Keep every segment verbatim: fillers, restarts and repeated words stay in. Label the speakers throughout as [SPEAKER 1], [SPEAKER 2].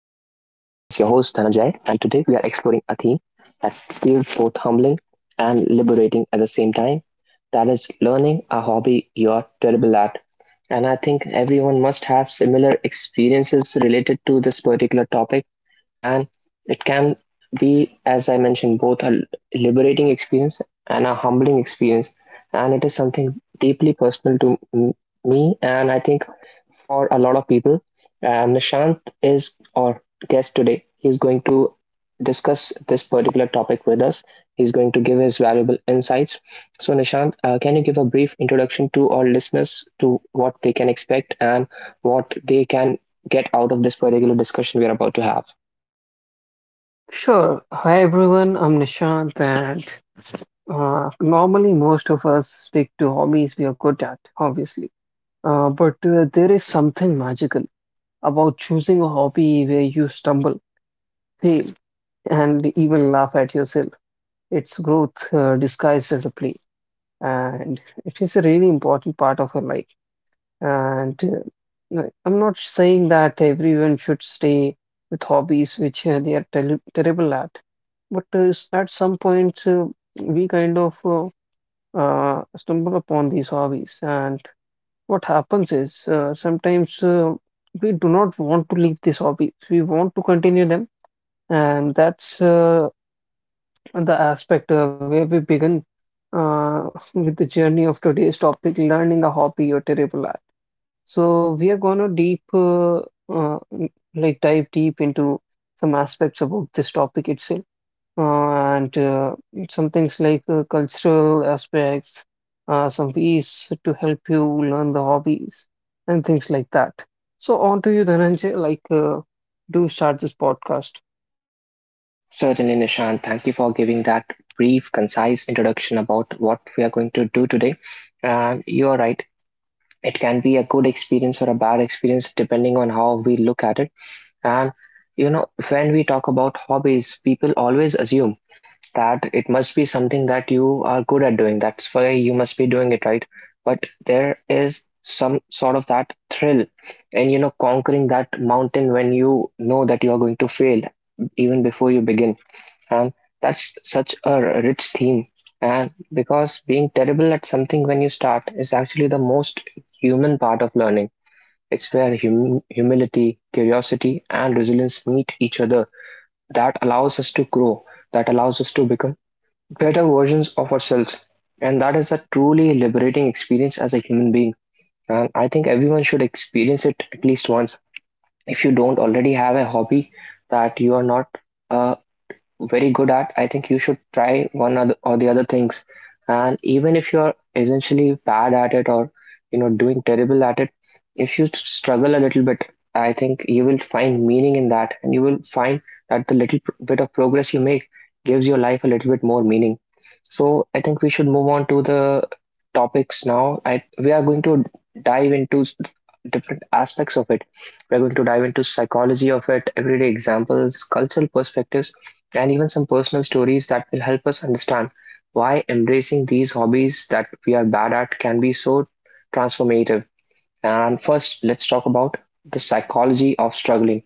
[SPEAKER 1] host Dhananjay, and today we are exploring a theme that feels both humbling and liberating at the same time. That is learning a hobby you're terrible at. And I think everyone must have similar experiences related to this particular topic, and it can be, as I mentioned, both a liberating experience and a humbling experience. And it is something deeply personal to m- me, and I think for a lot of people. And Nishant is our guest today. He's going to discuss this particular topic with us. He's going to give his valuable insights. So, Nishant, uh, can you give a brief introduction to our listeners to what they can expect and what they can get out of this particular discussion we are about to have?
[SPEAKER 2] Sure. Hi everyone, I'm Nishant, and uh, normally most of us stick to hobbies we are good at, obviously. Uh, but uh, there is something magical about choosing a hobby where you stumble, fail, and even laugh at yourself. It's growth uh, disguised as a play, and it is a really important part of our life. And uh, uh, I'm not saying that everyone should stay with hobbies which uh, they are tel terrible at, but uh, s- at some point uh, we kind of uh, uh, stumble upon these hobbies. And what happens is uh, sometimes uh, we do not want to leave these hobbies, we want to continue them. And that's uh, the aspect uh, where we begin uh, with the journey of today's topic, learning a hobby you're terrible at. So we are gonna deep, uh, uh, n- like dive deep into some aspects about this topic itself, uh, and uh, some things like uh, cultural aspects, uh, some ways to help you learn the hobbies and things like that. So on to you, Dhananjay. Like, uh, do start this podcast.
[SPEAKER 1] Certainly, Nishant. Thank you for giving that brief, concise introduction about what we are going to do today. And you are right, it can be a good experience or a bad experience depending on how we look at it. And you know, when we talk about hobbies, people always assume that it must be something that you are good at doing, that's why you must be doing it, right? But there is some sort of that thrill and, you know, conquering that mountain when you know that you are going to fail even before you begin. And that's such a rich theme, and because being terrible at something when you start is actually the most human part of learning. It's where hum- humility, curiosity and resilience meet each other, that allows us to grow, that allows us to become better versions of ourselves. And that is a truly liberating experience as a human being, and I think everyone should experience it at least once. If you don't already have a hobby that you are not uh, very good at, I think you should try one or the, or the other things. And even if you're essentially bad at it, or you know, doing terrible at it, if you struggle a little bit, I think you will find meaning in that, and you will find that the little pr- bit of progress you make gives your life a little bit more meaning. So I think we should move on to the topics now. I We are going to dive into s- different aspects of it. We're going to dive into psychology of it, everyday examples, cultural perspectives, and even some personal stories that will help us understand why embracing these hobbies that we are bad at can be so transformative. And first, let's talk about the psychology of struggling,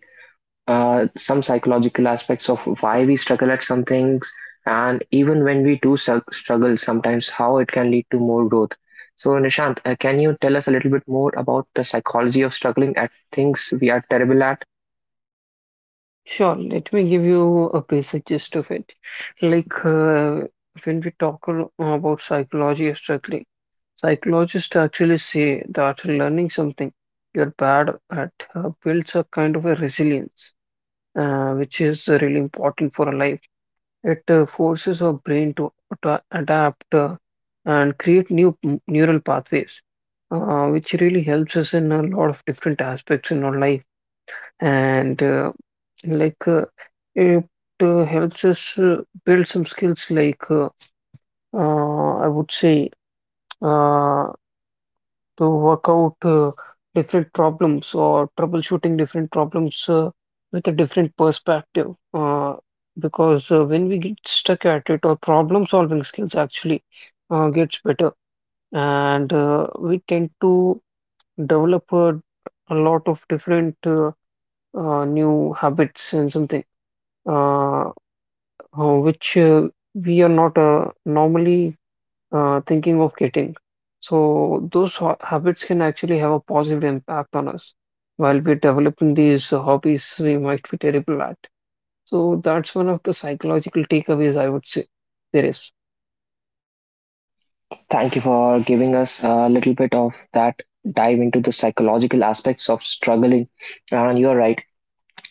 [SPEAKER 1] uh, some psychological aspects of why we struggle at some things, and even when we do su- struggle, sometimes how it can lead to more growth. So, Nishant, uh, can you tell us a little bit more about the psychology of struggling at things we are terrible at?
[SPEAKER 2] Sure, let me give you a basic gist of it. Like, uh, when we talk al- about psychology or struggling. Psychologists actually say that learning something you're bad at uh, builds a kind of a resilience, uh, which is uh, really important for a life. It uh, forces our brain to, to adapt uh, and create new m- neural pathways, uh, which really helps us in a lot of different aspects in our life. And uh, like uh, It uh, helps us uh, build some skills like uh, uh, I would say. Uh, to work out uh, different problems or troubleshooting different problems uh, with a different perspective. Uh, because uh, When we get stuck at it, our problem solving skills actually uh, gets better, and uh, we tend to develop a, a lot of different uh, uh, new habits and something uh, uh, which uh, we are not uh, normally uh, thinking of getting. So those ho- habits can actually have a positive impact on us. While we're developing these uh, hobbies, we might be terrible at. So that's one of the psychological takeaways I would say there is.
[SPEAKER 1] Thank you for giving us a little bit of that dive into the psychological aspects of struggling. And you're right,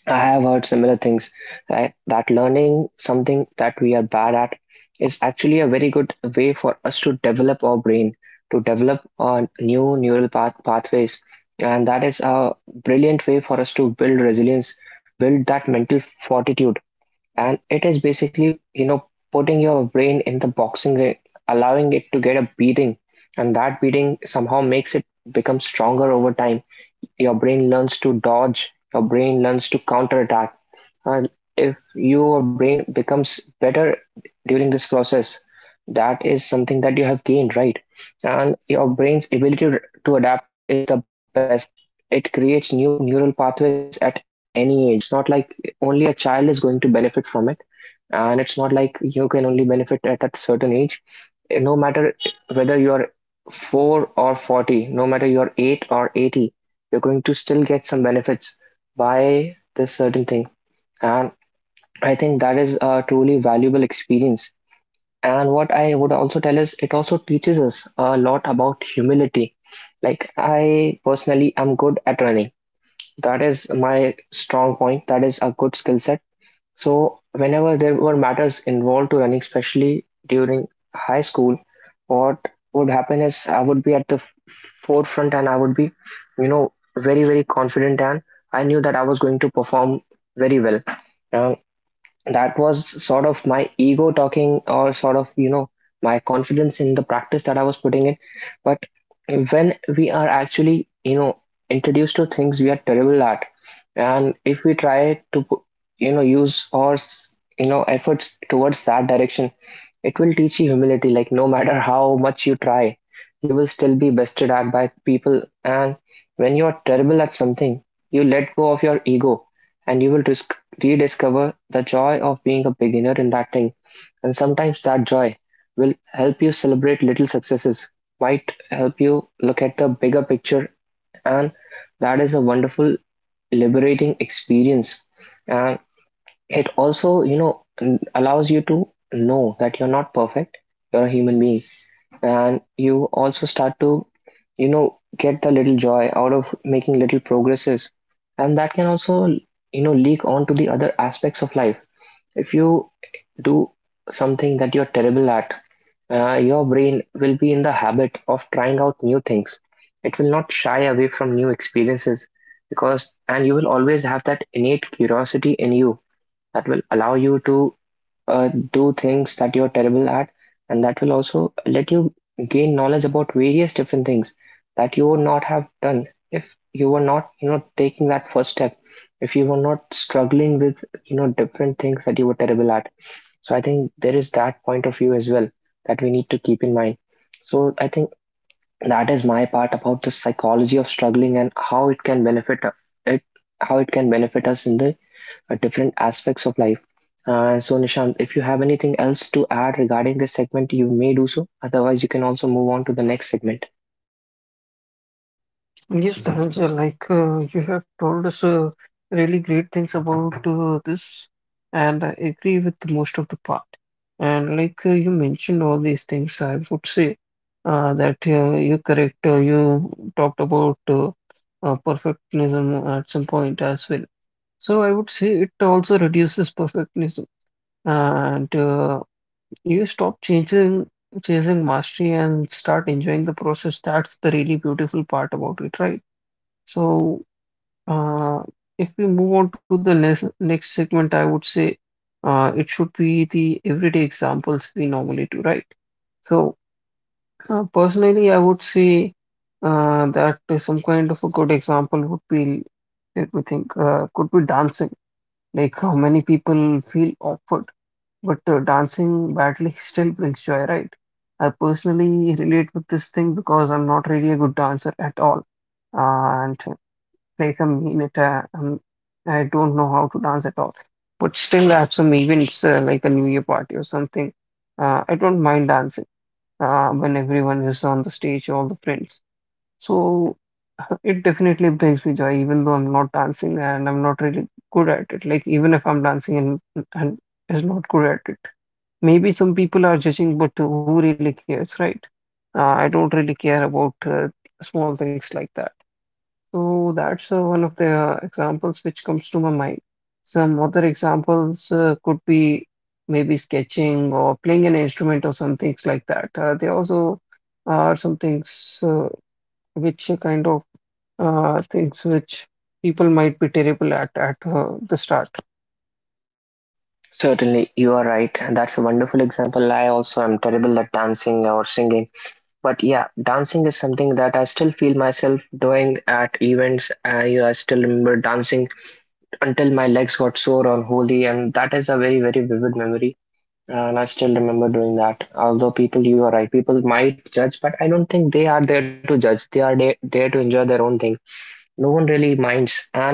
[SPEAKER 1] I have heard similar things, right? That learning something that we are bad at is actually a very good way for us to develop our brain, to develop uh, new neural path pathways. And that is a brilliant way for us to build resilience, build that mental fortitude. And it is basically, you know, putting your brain in the boxing ring, allowing it to get a beating, and that beating somehow makes it become stronger over time. Your brain learns to dodge, your brain learns to counterattack. And if your brain becomes better during this process, that is something that you have gained, right? And your brain's ability to adapt is the best. It creates new neural pathways at any age. It's not like only a child is going to benefit from it. And it's not like you can only benefit at a certain age. No matter whether you're four or forty, no matter you're eight or eighty, you're going to still get some benefits by this certain thing. And I think that is a truly valuable experience. And what I would also tell is it also teaches us a lot about humility. Like I personally am good at running. That is my strong point. That is a good skill set. So, whenever there were matters involved to running, especially during high school, what would happen is I would be at the f- forefront, and I would be, you know, very, very confident, and I knew that I was going to perform very well. Um, that was sort of my ego talking, or sort of, you know, my confidence in the practice that I was putting in. But when we are actually, you know, introduced to things we are terrible at, and if we try to pu- you know, use our s- you know, efforts towards that direction, it will teach you humility. Like no matter how much you try, you will still be bested at by people. And when you are terrible at something, you let go of your ego, and you will dis- rediscover the joy of being a beginner in that thing. And sometimes that joy will help you celebrate little successes, might help you look at the bigger picture, and that is a wonderful, liberating experience. And it also, you know, allows you to know that you're not perfect, you're a human being, and you also start to, you know, get the little joy out of making little progresses. And that can also, you know, leak on to the other aspects of life. If you do something that you're terrible at, uh, your brain will be in the habit of trying out new things. It will not shy away from new experiences, because, and you will always have that innate curiosity in you that will allow you to uh, do things that you're terrible at, and that will also let you gain knowledge about various different things that you would not have done if you were not, you know, taking that first step, if you were not struggling with, you know, different things that you were terrible at. So I think there is that point of view as well that we need to keep in mind. So I think that is my part about the psychology of struggling and how it can benefit it, how it can benefit us in the uh, different aspects of life. Uh, so, Nishant, if you have anything else to add regarding this segment, you may do so. Otherwise, you can also move on to the next segment.
[SPEAKER 2] Yes, Dhananjay, like uh, you have told us uh, really great things about uh, this, and I agree with most of the part. And like uh, you mentioned all these things, I would say uh, that uh, you're correct. Uh, you talked about uh, uh, perfectionism at some point as well. So I would say it also reduces perfectionism, and uh, you stop chasing chasing mastery and start enjoying the process. That's the really beautiful part about it, right? So, uh, if we move on to the next next segment, I would say uh, it should be the everyday examples we normally do, right? So, uh, personally, I would say uh, that some kind of a good example would be, let me think, uh, could be dancing. Like how many people feel awkward, but uh, dancing badly still brings joy, right? I personally relate with this thing because I'm not really a good dancer at all. And like a minute. Uh, um, I don't know how to dance at all, but still I have some events uh, like a New Year party or something. Uh, I don't mind dancing uh, when everyone is on the stage, all the friends. So it definitely brings me joy, even though I'm not dancing and I'm not really good at it. Like even if I'm dancing and and is not good at it, maybe some people are judging, but who really cares, right? Uh, I don't really care about uh, small things like that. So that's uh, one of the uh, examples which comes to my mind. Some other examples uh, could be maybe sketching or playing an instrument or some things like that. Uh, there also are some things uh, which are kind of uh, things which people might be terrible at at uh, the start.
[SPEAKER 1] Certainly, you are right. and That's a wonderful example. I also am terrible at dancing or singing. But yeah, dancing is something that I still feel myself doing at events. I, I still remember dancing until my legs got sore on Holi, and that is a very, very vivid memory. Uh, And I still remember doing that. Although people, you are right, people might judge, but I don't think they are there to judge. They are there, there to enjoy their own thing. No one really minds, and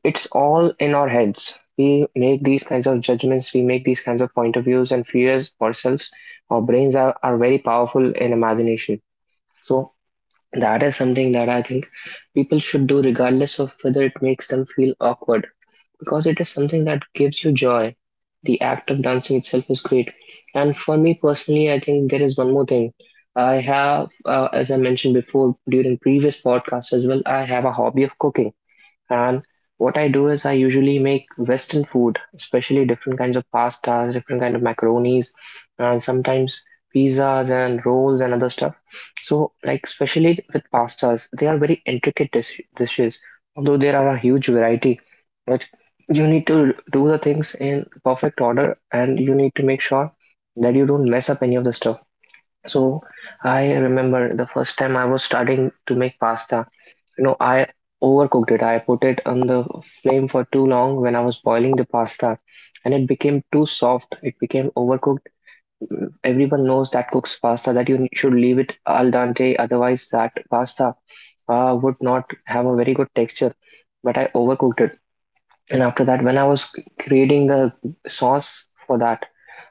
[SPEAKER 1] it's all in our heads. We make these kinds of judgments, we make these kinds of point of views and fears ourselves. Our brains are, are very powerful in imagination. So that is something that I think people should do regardless of whether it makes them feel awkward, because it is something that gives you joy. The act of dancing itself is great. And for me personally, I think there is one more thing. I have, uh, as I mentioned before during previous podcasts as well, I have a hobby of cooking. And what I do is I usually make Western food, especially different kinds of pastas, different kind of macaronis, and sometimes pizzas and rolls and other stuff. So, like especially with pastas, they are very intricate dish- dishes. Although there are a huge variety, but you need to do the things in perfect order, and you need to make sure that you don't mess up any of the stuff. So, I remember the first time I was starting to make pasta. You know, I overcooked it. I put it on the flame for too long when I was boiling the pasta, and it became too soft. It became overcooked. Everyone knows that cooks pasta that you should leave it al dente, otherwise that pasta uh, would not have a very good texture. But I overcooked it, and after that, when I was creating the sauce for that,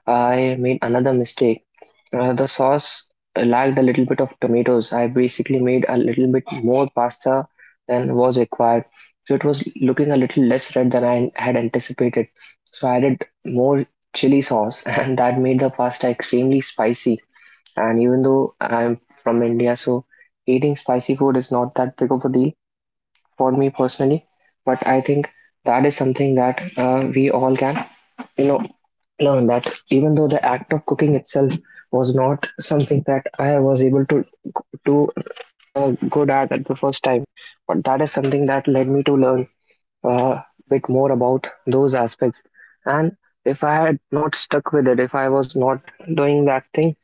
[SPEAKER 1] I made another mistake. Uh, the sauce lacked a little bit of tomatoes. I basically made a little bit more pasta than was required. So it was looking a little less red than I had anticipated. So I added more chili sauce, and that made the pasta extremely spicy. And even though I'm from India, so eating spicy food is not that big of a deal for me personally. But I think that is something that uh, we all can you know, learn that even though the act of cooking itself was not something that I was able to do uh, good at at the first time, but that is something that led me to learn a bit more about those aspects. And if I had not stuck with it, if I was not doing that thing,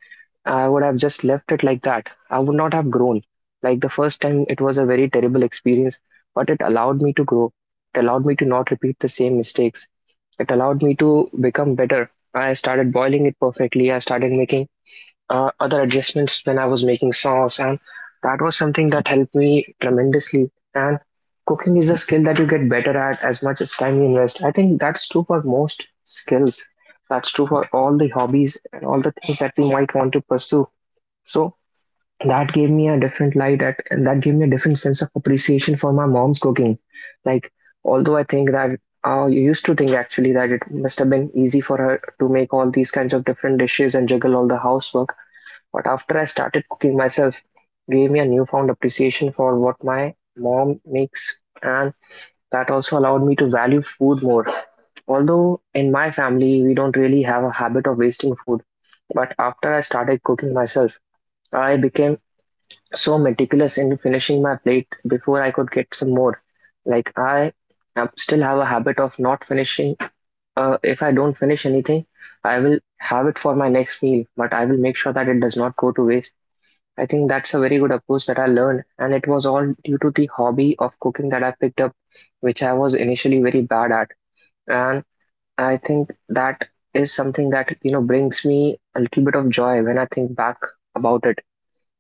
[SPEAKER 1] I would have just left it like that. I would not have grown. Like the first time, it was a very terrible experience, but it allowed me to grow. It allowed me to not repeat the same mistakes. It allowed me to become better. I started boiling it perfectly. I started making uh, other adjustments when I was making sauce, and that was something that helped me tremendously. And cooking is a skill that you get better at as much as time you invest. I think that's true for most skills. That's true for all the hobbies and all the things that we might want to pursue. So that gave me a different light at and that gave me a different sense of appreciation for my mom's cooking. Like although I think that uh, you used to think actually that it must have been easy for her to make all these kinds of different dishes and juggle all the housework. But after I started cooking myself, gave me a newfound appreciation for what my mom makes, and that also allowed me to value food more. Although in my family we don't really have a habit of wasting food, but after I started cooking myself, I became so meticulous in finishing my plate before I could get some more. Like I am- still have a habit of not finishing. Uh, if I don't finish anything, I will have it for my next meal, but I will make sure that it does not go to waste. I think that's a very good approach that I learned, and it was all due to the hobby of cooking that I picked up, which I was initially very bad at. And I think that is something that you know brings me a little bit of joy when I think back about it,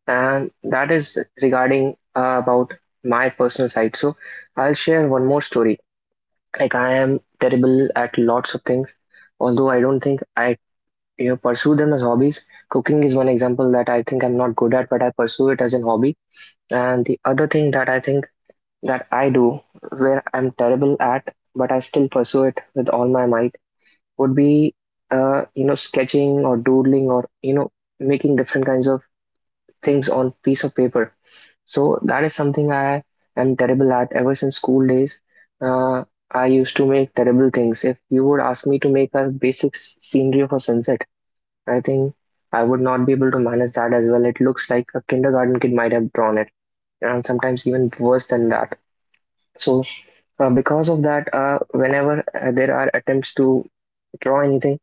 [SPEAKER 1] and that is regarding uh, about my personal side. So I'll share one more story. Like I am terrible at lots of things, although I don't think I you know pursue them as hobbies. Cooking is one example that I think I'm not good at, but I pursue it as a hobby. And the other thing that I think that I do, where I'm terrible at, but I still pursue it with all my might, would be uh, you know sketching or doodling or you know making different kinds of things on piece of paper, so that is something I am terrible at ever since school days. Uh, I used to make terrible things. If you would ask me to make a basic s- scenery of a sunset, I think I would not be able to manage that as well. It looks like a kindergarten kid might have drawn it, and sometimes even worse than that. So uh, because of that, uh, whenever uh, there are attempts to draw anything,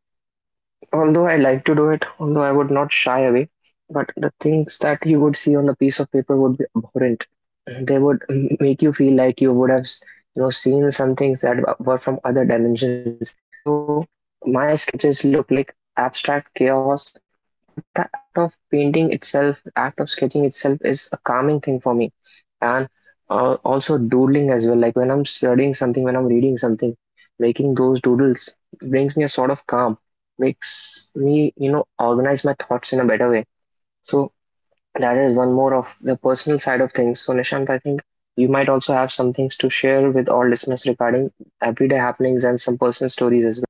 [SPEAKER 1] although I like to do it, although I would not shy away, but the things that you would see on the piece of paper would be abhorrent. They would m- make you feel like you would have you know, seen some things that were from other dimensions. So my sketches look like abstract chaos, but the act of painting itself, act of sketching itself is a calming thing for me. And uh, also doodling as well. Like when I'm studying something, when I'm reading something, making those doodles brings me a sort of calm, makes me you know, organize my thoughts in a better way. So that is one more of the personal side of things. So Nishant, I think you might also have some things to share with all listeners regarding everyday happenings and some personal stories as well.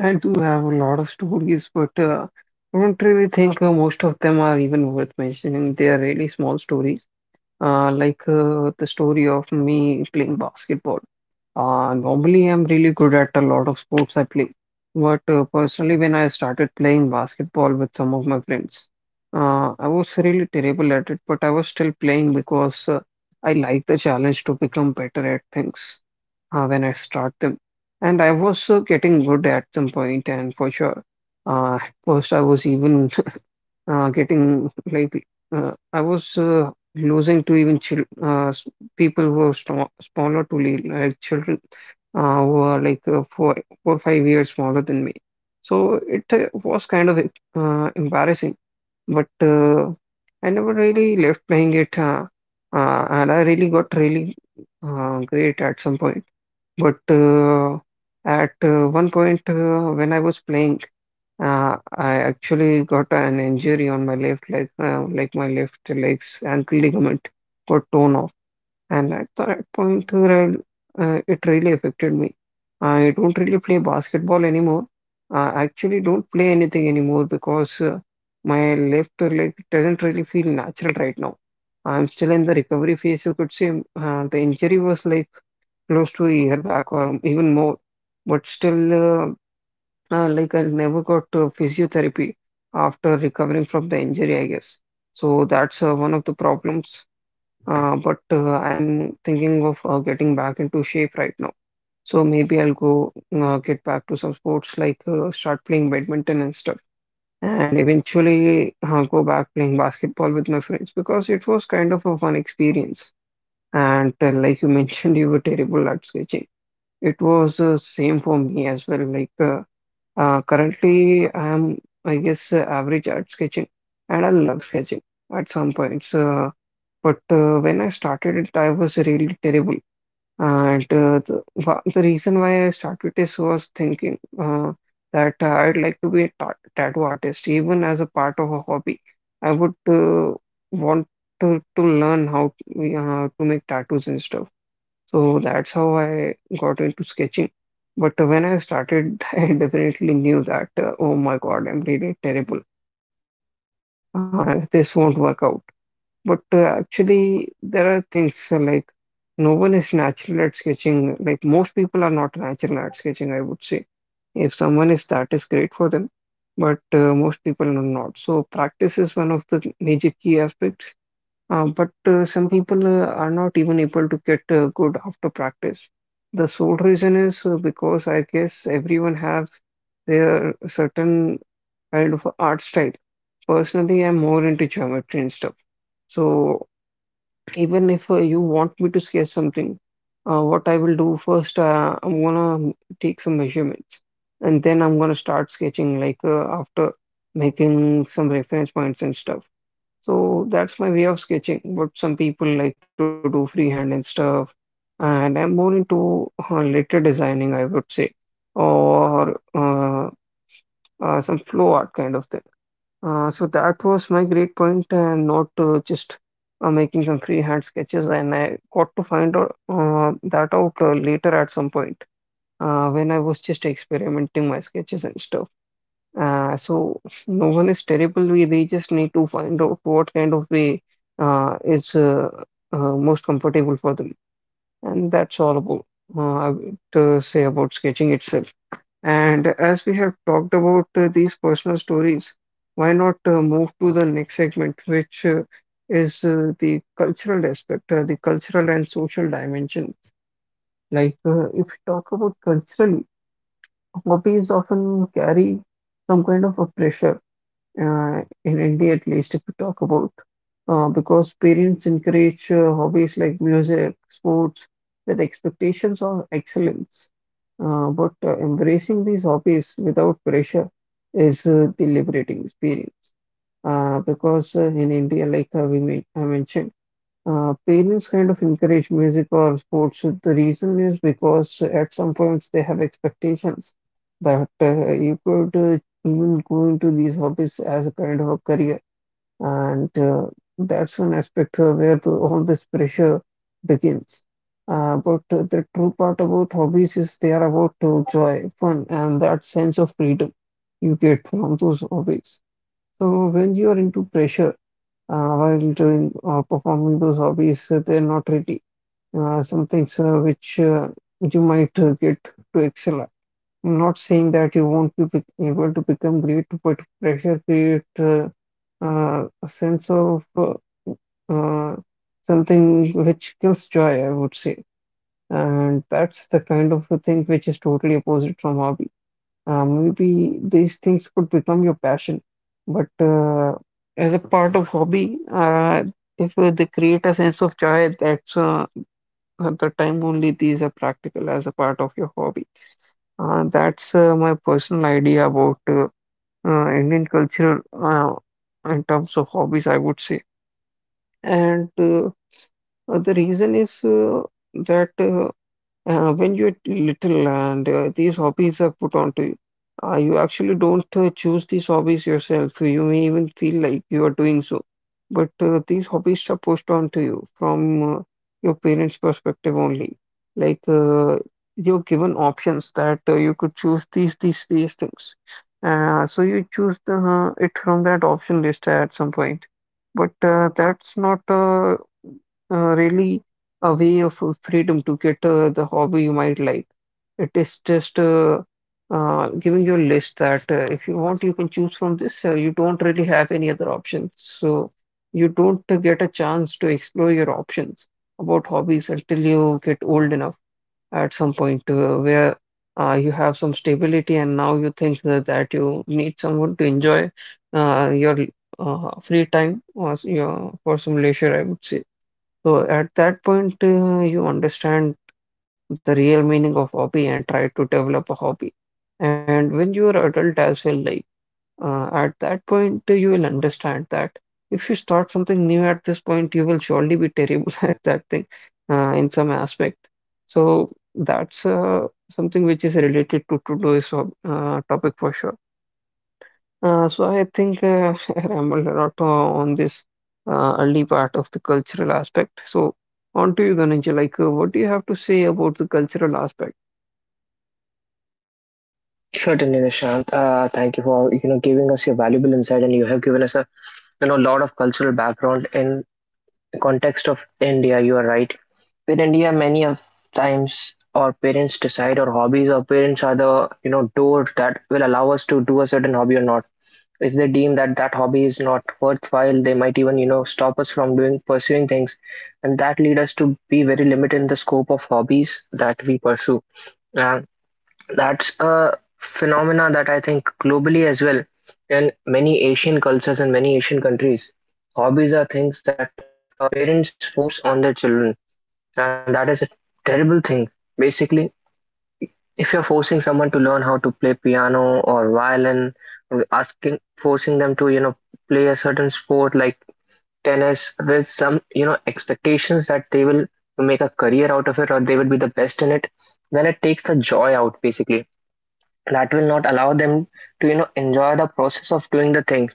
[SPEAKER 2] I do have a lot of stories, but uh, I don't really think uh, most of them are even worth mentioning. They are really small stories, uh, like uh, the story of me playing basketball. Uh, normally, I'm really good at a lot of sports I play, but uh, personally, when I started playing basketball with some of my friends, uh, I was really terrible at it, but I was still playing because uh, I like the challenge to become better at things uh, when I start them. And I was uh, getting good at some point, and for sure, uh, at first I was even uh, getting like uh, I was uh, losing to even chil uh, s- people who are sm smaller to me, like children uh, who are like uh, four, four, five years smaller than me. So it uh, was kind of uh, embarrassing, but uh, I never really left playing it, uh, uh, and I really got really uh, great at some point. But uh, at uh, one point uh, when I was playing. Uh, I actually got an injury on my left leg, uh, like my left leg's ankle ligament got torn off, and at that point, uh, re- uh, it really affected me. I don't really play basketball anymore. I actually don't play anything anymore because uh, my left leg doesn't really feel natural right now. I'm still in the recovery phase, you could say. Uh, the injury was like close to a year back or even more, but still, uh, uh, like I never got uh, physiotherapy after recovering from the injury, I guess. So that's uh, one of the problems. Uh, but uh, I'm thinking of uh, getting back into shape right now. So maybe I'll go uh, get back to some sports like uh, start playing badminton and stuff, and eventually uh, go back playing basketball with my friends because it was kind of a fun experience. And uh, like you mentioned, you were terrible at sketching. It was uh, same for me as well. Like uh, uh, currently, I'm, I guess, uh, average at sketching, and I love sketching at some points. Uh, but uh, When I started it, I was really terrible. And uh, the, wha- the reason why I started this was thinking uh, that uh, I'd like to be a ta tattoo artist, even as a part of a hobby. I would uh, want to, to learn how to, uh, to make tattoos and stuff. So that's how I got into sketching. But when I started, I definitely knew that, uh, oh my God, I'm really terrible and uh, this won't work out. But uh, Actually, there are things uh, like no one is natural at sketching. Like most people are not natural at sketching, I would say. If someone is, that is great for them, but uh, most people are not. So practice is one of the major key aspects. Uh, but uh, Some people uh, are not even able to get uh, good after practice. The sole reason is uh, because I guess everyone has their certain kind of art style. Personally, I'm more into geometry and stuff. So even if uh, you want me to sketch something, uh, what I will do first, uh, I'm gonna take some measurements and then I'm gonna start sketching like uh, after making some reference points and stuff. So that's my way of sketching. But some people like to do freehand and stuff. And I'm more into uh, letter designing, I would say, or uh, uh, some flow art kind of thing. Uh, so that was my great point, and not uh, just uh, making some freehand sketches. And I got to find out uh, that out uh, later at some point uh, when I was just experimenting my sketches and stuff. Uh, so no one is terrible. We They just need to find out what kind of way uh, is uh, uh, most comfortable for them, and that's all about uh, I would uh, say about sketching itself. And as we have talked about uh, these personal stories, why not uh, move to the next segment, which uh, is uh, the cultural aspect, uh, the cultural and social dimension. Like uh, if we talk about culturally, hobbies often carry some kind of a pressure uh, in India at least, if we talk about, uh, because parents encourage uh, hobbies like music, sports, with expectations of excellence. Uh, but uh, Embracing these hobbies without pressure is uh, the liberating experience. Uh, because uh, In India, like uh, we men- I mentioned, uh, parents kind of encourage music or sports. The reason is because at some points they have expectations that uh, you could uh, even go into these hobbies as a kind of a career, and uh, that's one aspect uh, where the, all this pressure begins. Uh, but uh, the true part about hobbies is they are about uh, joy, fun, and that sense of freedom you get from those hobbies. So when you are into pressure uh, while doing uh, performing those hobbies, uh, they're not ready. Uh, some things uh, which uh, you might uh, get to excel at. I'm not saying that you won't be bec- able to become great, but pressure create uh, uh, a sense of uh, uh, something which kills joy, I would say. And that's the kind of a thing which is totally opposite from hobby. Uh, maybe these things could become your passion, but uh, as a part of hobby, uh, if uh, they create a sense of joy, that's uh, at the time only these are practical as a part of your hobby. Uh, that's uh, My personal idea about uh, uh, Indian culture uh, in terms of hobbies, I would say. And uh, uh, the reason is uh, that uh, uh, when you're little and uh, these hobbies are put onto you, uh, you actually don't uh, choose these hobbies yourself. You may even feel like you are doing so, but uh, these hobbies are pushed onto you from uh, your parents' perspective only. Like uh, you're given options that uh, you could choose these, these, these things. Uh, so you choose the, uh, it from that option list at some point, but uh, that's not uh, uh, really a way of uh, freedom to get uh, the hobby you might like. It is just uh, uh, giving you a list that uh, if you want, you can choose from this. Uh, you don't really have any other options. So you don't uh, get a chance to explore your options about hobbies until you get old enough at some point uh, where uh, you have some stability and now you think that, that you need someone to enjoy uh, your uh, free time or s- your, for some leisure, I would say. So at that point, uh, you understand the real meaning of hobby and try to develop a hobby. And when you are adult as well, like uh, at that point, uh, you will understand that if you start something new at this point, you will surely be terrible at that thing uh, in some aspect. So that's uh, something which is related to today's hob- uh, topic for sure. Uh, so I think uh, I rambled a lot uh, on this uh, early part of the cultural aspect. So on to you, Dhananjay. Like, uh, what do you have to say about the cultural aspect?
[SPEAKER 1] Certainly, Nishant. Uh, thank you for you know giving us your valuable insight, and you have given us a you know lot of cultural background in context of India. You are right. In India, many of times our parents decide our hobbies. Our parents are the you know doors that will allow us to do a certain hobby or not. If they deem that that hobby is not worthwhile, they might even you know stop us from doing pursuing things, and that lead us to be very limited in the scope of hobbies that we pursue. Uh, that's a phenomena that I think globally as well. In many Asian cultures and many Asian countries, hobbies are things that uh, parents force on their children, and that is a terrible thing. Basically, if you're forcing someone to learn how to play piano or violin, or asking forcing them to you know play a certain sport like tennis, with some you know expectations that they will make a career out of it or they will be the best in it, then it takes the joy out. Basically, that will not allow them to you know enjoy the process of doing the thing.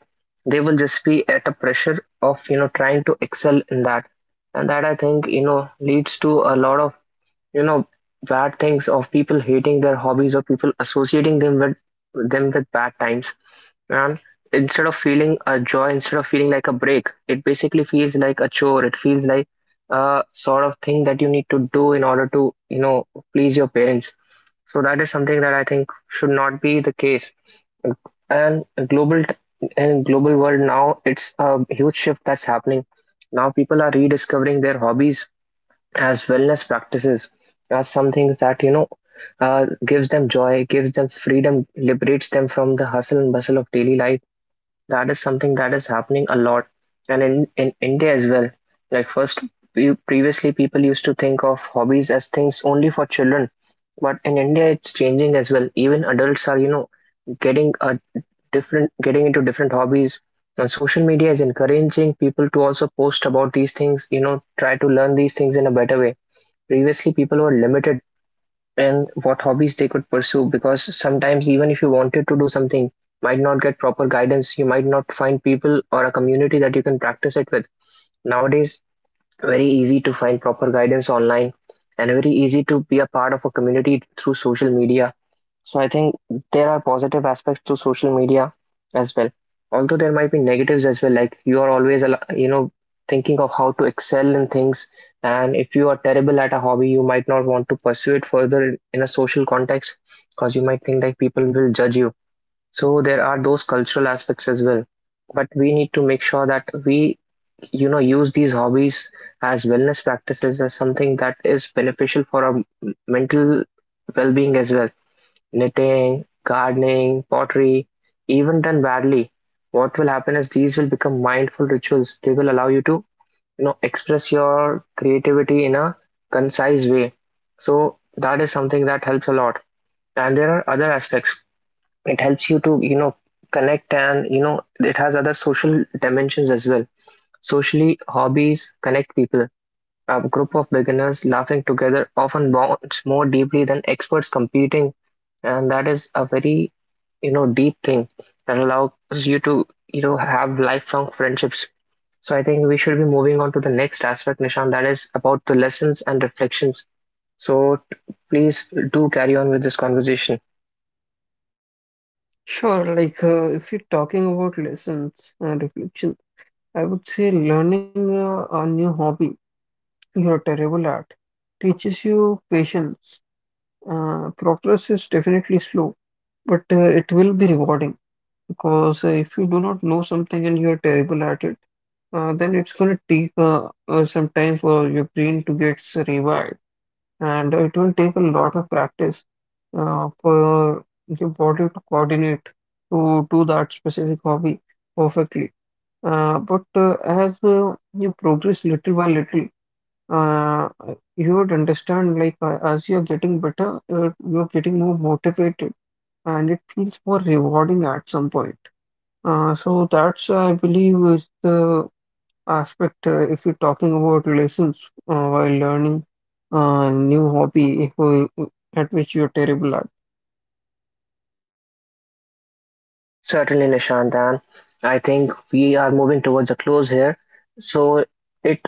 [SPEAKER 1] They will just be at a pressure of you know trying to excel in that, and that I think you know leads to a lot of you know bad things of people hating their hobbies, or people associating them with them with bad times. And instead of feeling a joy, instead of feeling like a break, it basically feels like a chore. It feels like a sort of thing that you need to do in order to you know please your parents. So that is something that I think should not be the case. And global in global world now, it's a huge shift that's happening. Now people are rediscovering their hobbies as wellness practices, as some things that you know uh, gives them joy, gives them freedom, liberates them from the hustle and bustle of daily life. That is something that is happening a lot, and in, in India as well. Like first, we, previously people used to think of hobbies as things only for children, but in India it's changing as well. Even adults are you know, getting a different, getting into different hobbies. And social media is encouraging people to also post about these things, you know, try to learn these things in a better way. Previously, people were limited and what hobbies they could pursue, because sometimes even if you wanted to do something, might not get proper guidance. You might not find people or a community that you can practice it with. Nowadays, very easy to find proper guidance online, and very easy to be a part of a community through social media. So I think there are positive aspects to social media as well. Although there might be negatives as well, like you are always al- you know, thinking of how to excel in things. And if you are terrible at a hobby, you might not want to pursue it further in in a social context, because you might think that people will judge you. So there are those cultural aspects as well. But we need to make sure that we you know, use these hobbies as wellness practices, as something that is beneficial for our m- mental well-being as well. Knitting, gardening, pottery, even done badly, what will happen is these will become mindful rituals. They will allow you to you know, express your creativity in a concise way. So that is something that helps a lot. And there are other aspects. It helps you to you know, connect, and you know, it has other social dimensions as well. Socially, hobbies connect people. A group of beginners laughing together often bonds more deeply than experts competing, and that is a very you know deep thing that allows you to you know have lifelong friendships. So I think we should be moving on to the next aspect, Nishan, that is about the lessons and reflections. So t- please do carry on with this conversation.
[SPEAKER 2] Sure. Like, uh, if you're talking about lessons and reflection, I would say learning uh, a new hobby you're terrible at teaches you patience. Uh, progress is definitely slow, but uh, it will be rewarding because uh, if you do not know something and you're terrible at it. Uh, then it's going to take uh, uh, some time for your brain to get revived, and it will take a lot of practice uh, for your body to coordinate to do that specific hobby perfectly. Uh, but uh, as uh, you progress little by little, uh, you would understand like uh, as you're getting better, uh, you're getting more motivated and it feels more rewarding at some point. Uh, so that's, I believe, is the aspect, uh, if you're talking about lessons uh, while learning a new hobby who- at which you're terrible at.
[SPEAKER 1] Certainly, Nishant, and I think we are moving towards a close here. So it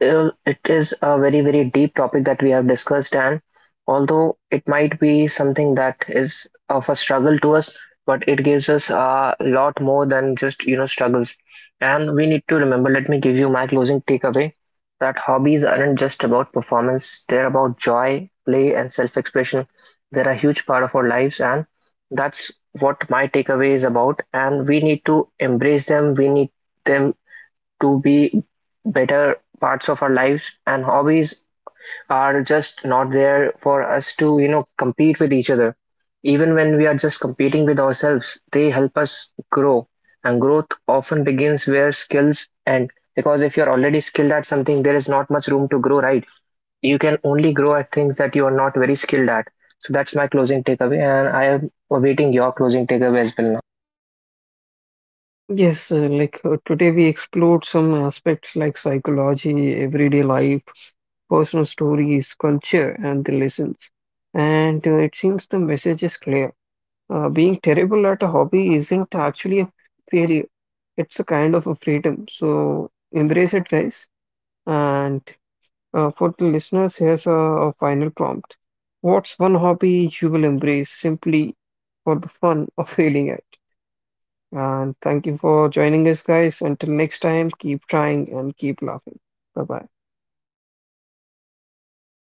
[SPEAKER 1] uh, it is a very very deep topic that we have discussed, and although it might be something that is of a struggle to us, but it gives us a lot more than just you know struggles, and we need to remember, let me give you my closing takeaway that hobbies aren't just about performance, they're about joy, play, and self-expression. They're a huge part of our lives, and that's what my takeaway is about, and we need to embrace them, we need them to be better parts of our lives. And hobbies are just not there for us to you know compete with each other, even when we are just competing with ourselves. They help us grow, and growth often begins where skills end, because if you're already skilled at something there is not much room to grow, right? You can only grow at things that you are not very skilled at. So that's my closing takeaway, and I am awaiting your closing takeaway as well now.
[SPEAKER 2] Yes, uh, like uh, today we explored some aspects like psychology, everyday life, personal stories, culture, and the lessons. And uh, it seems the message is clear. Uh, being terrible at a hobby isn't actually a failure, it's a kind of a freedom. So embrace it, guys. And Uh, for the listeners, here's a, a final prompt. What's one hobby you will embrace simply for the fun of failing at? And thank you for joining us, guys. Until next time, keep trying and keep laughing. Bye bye.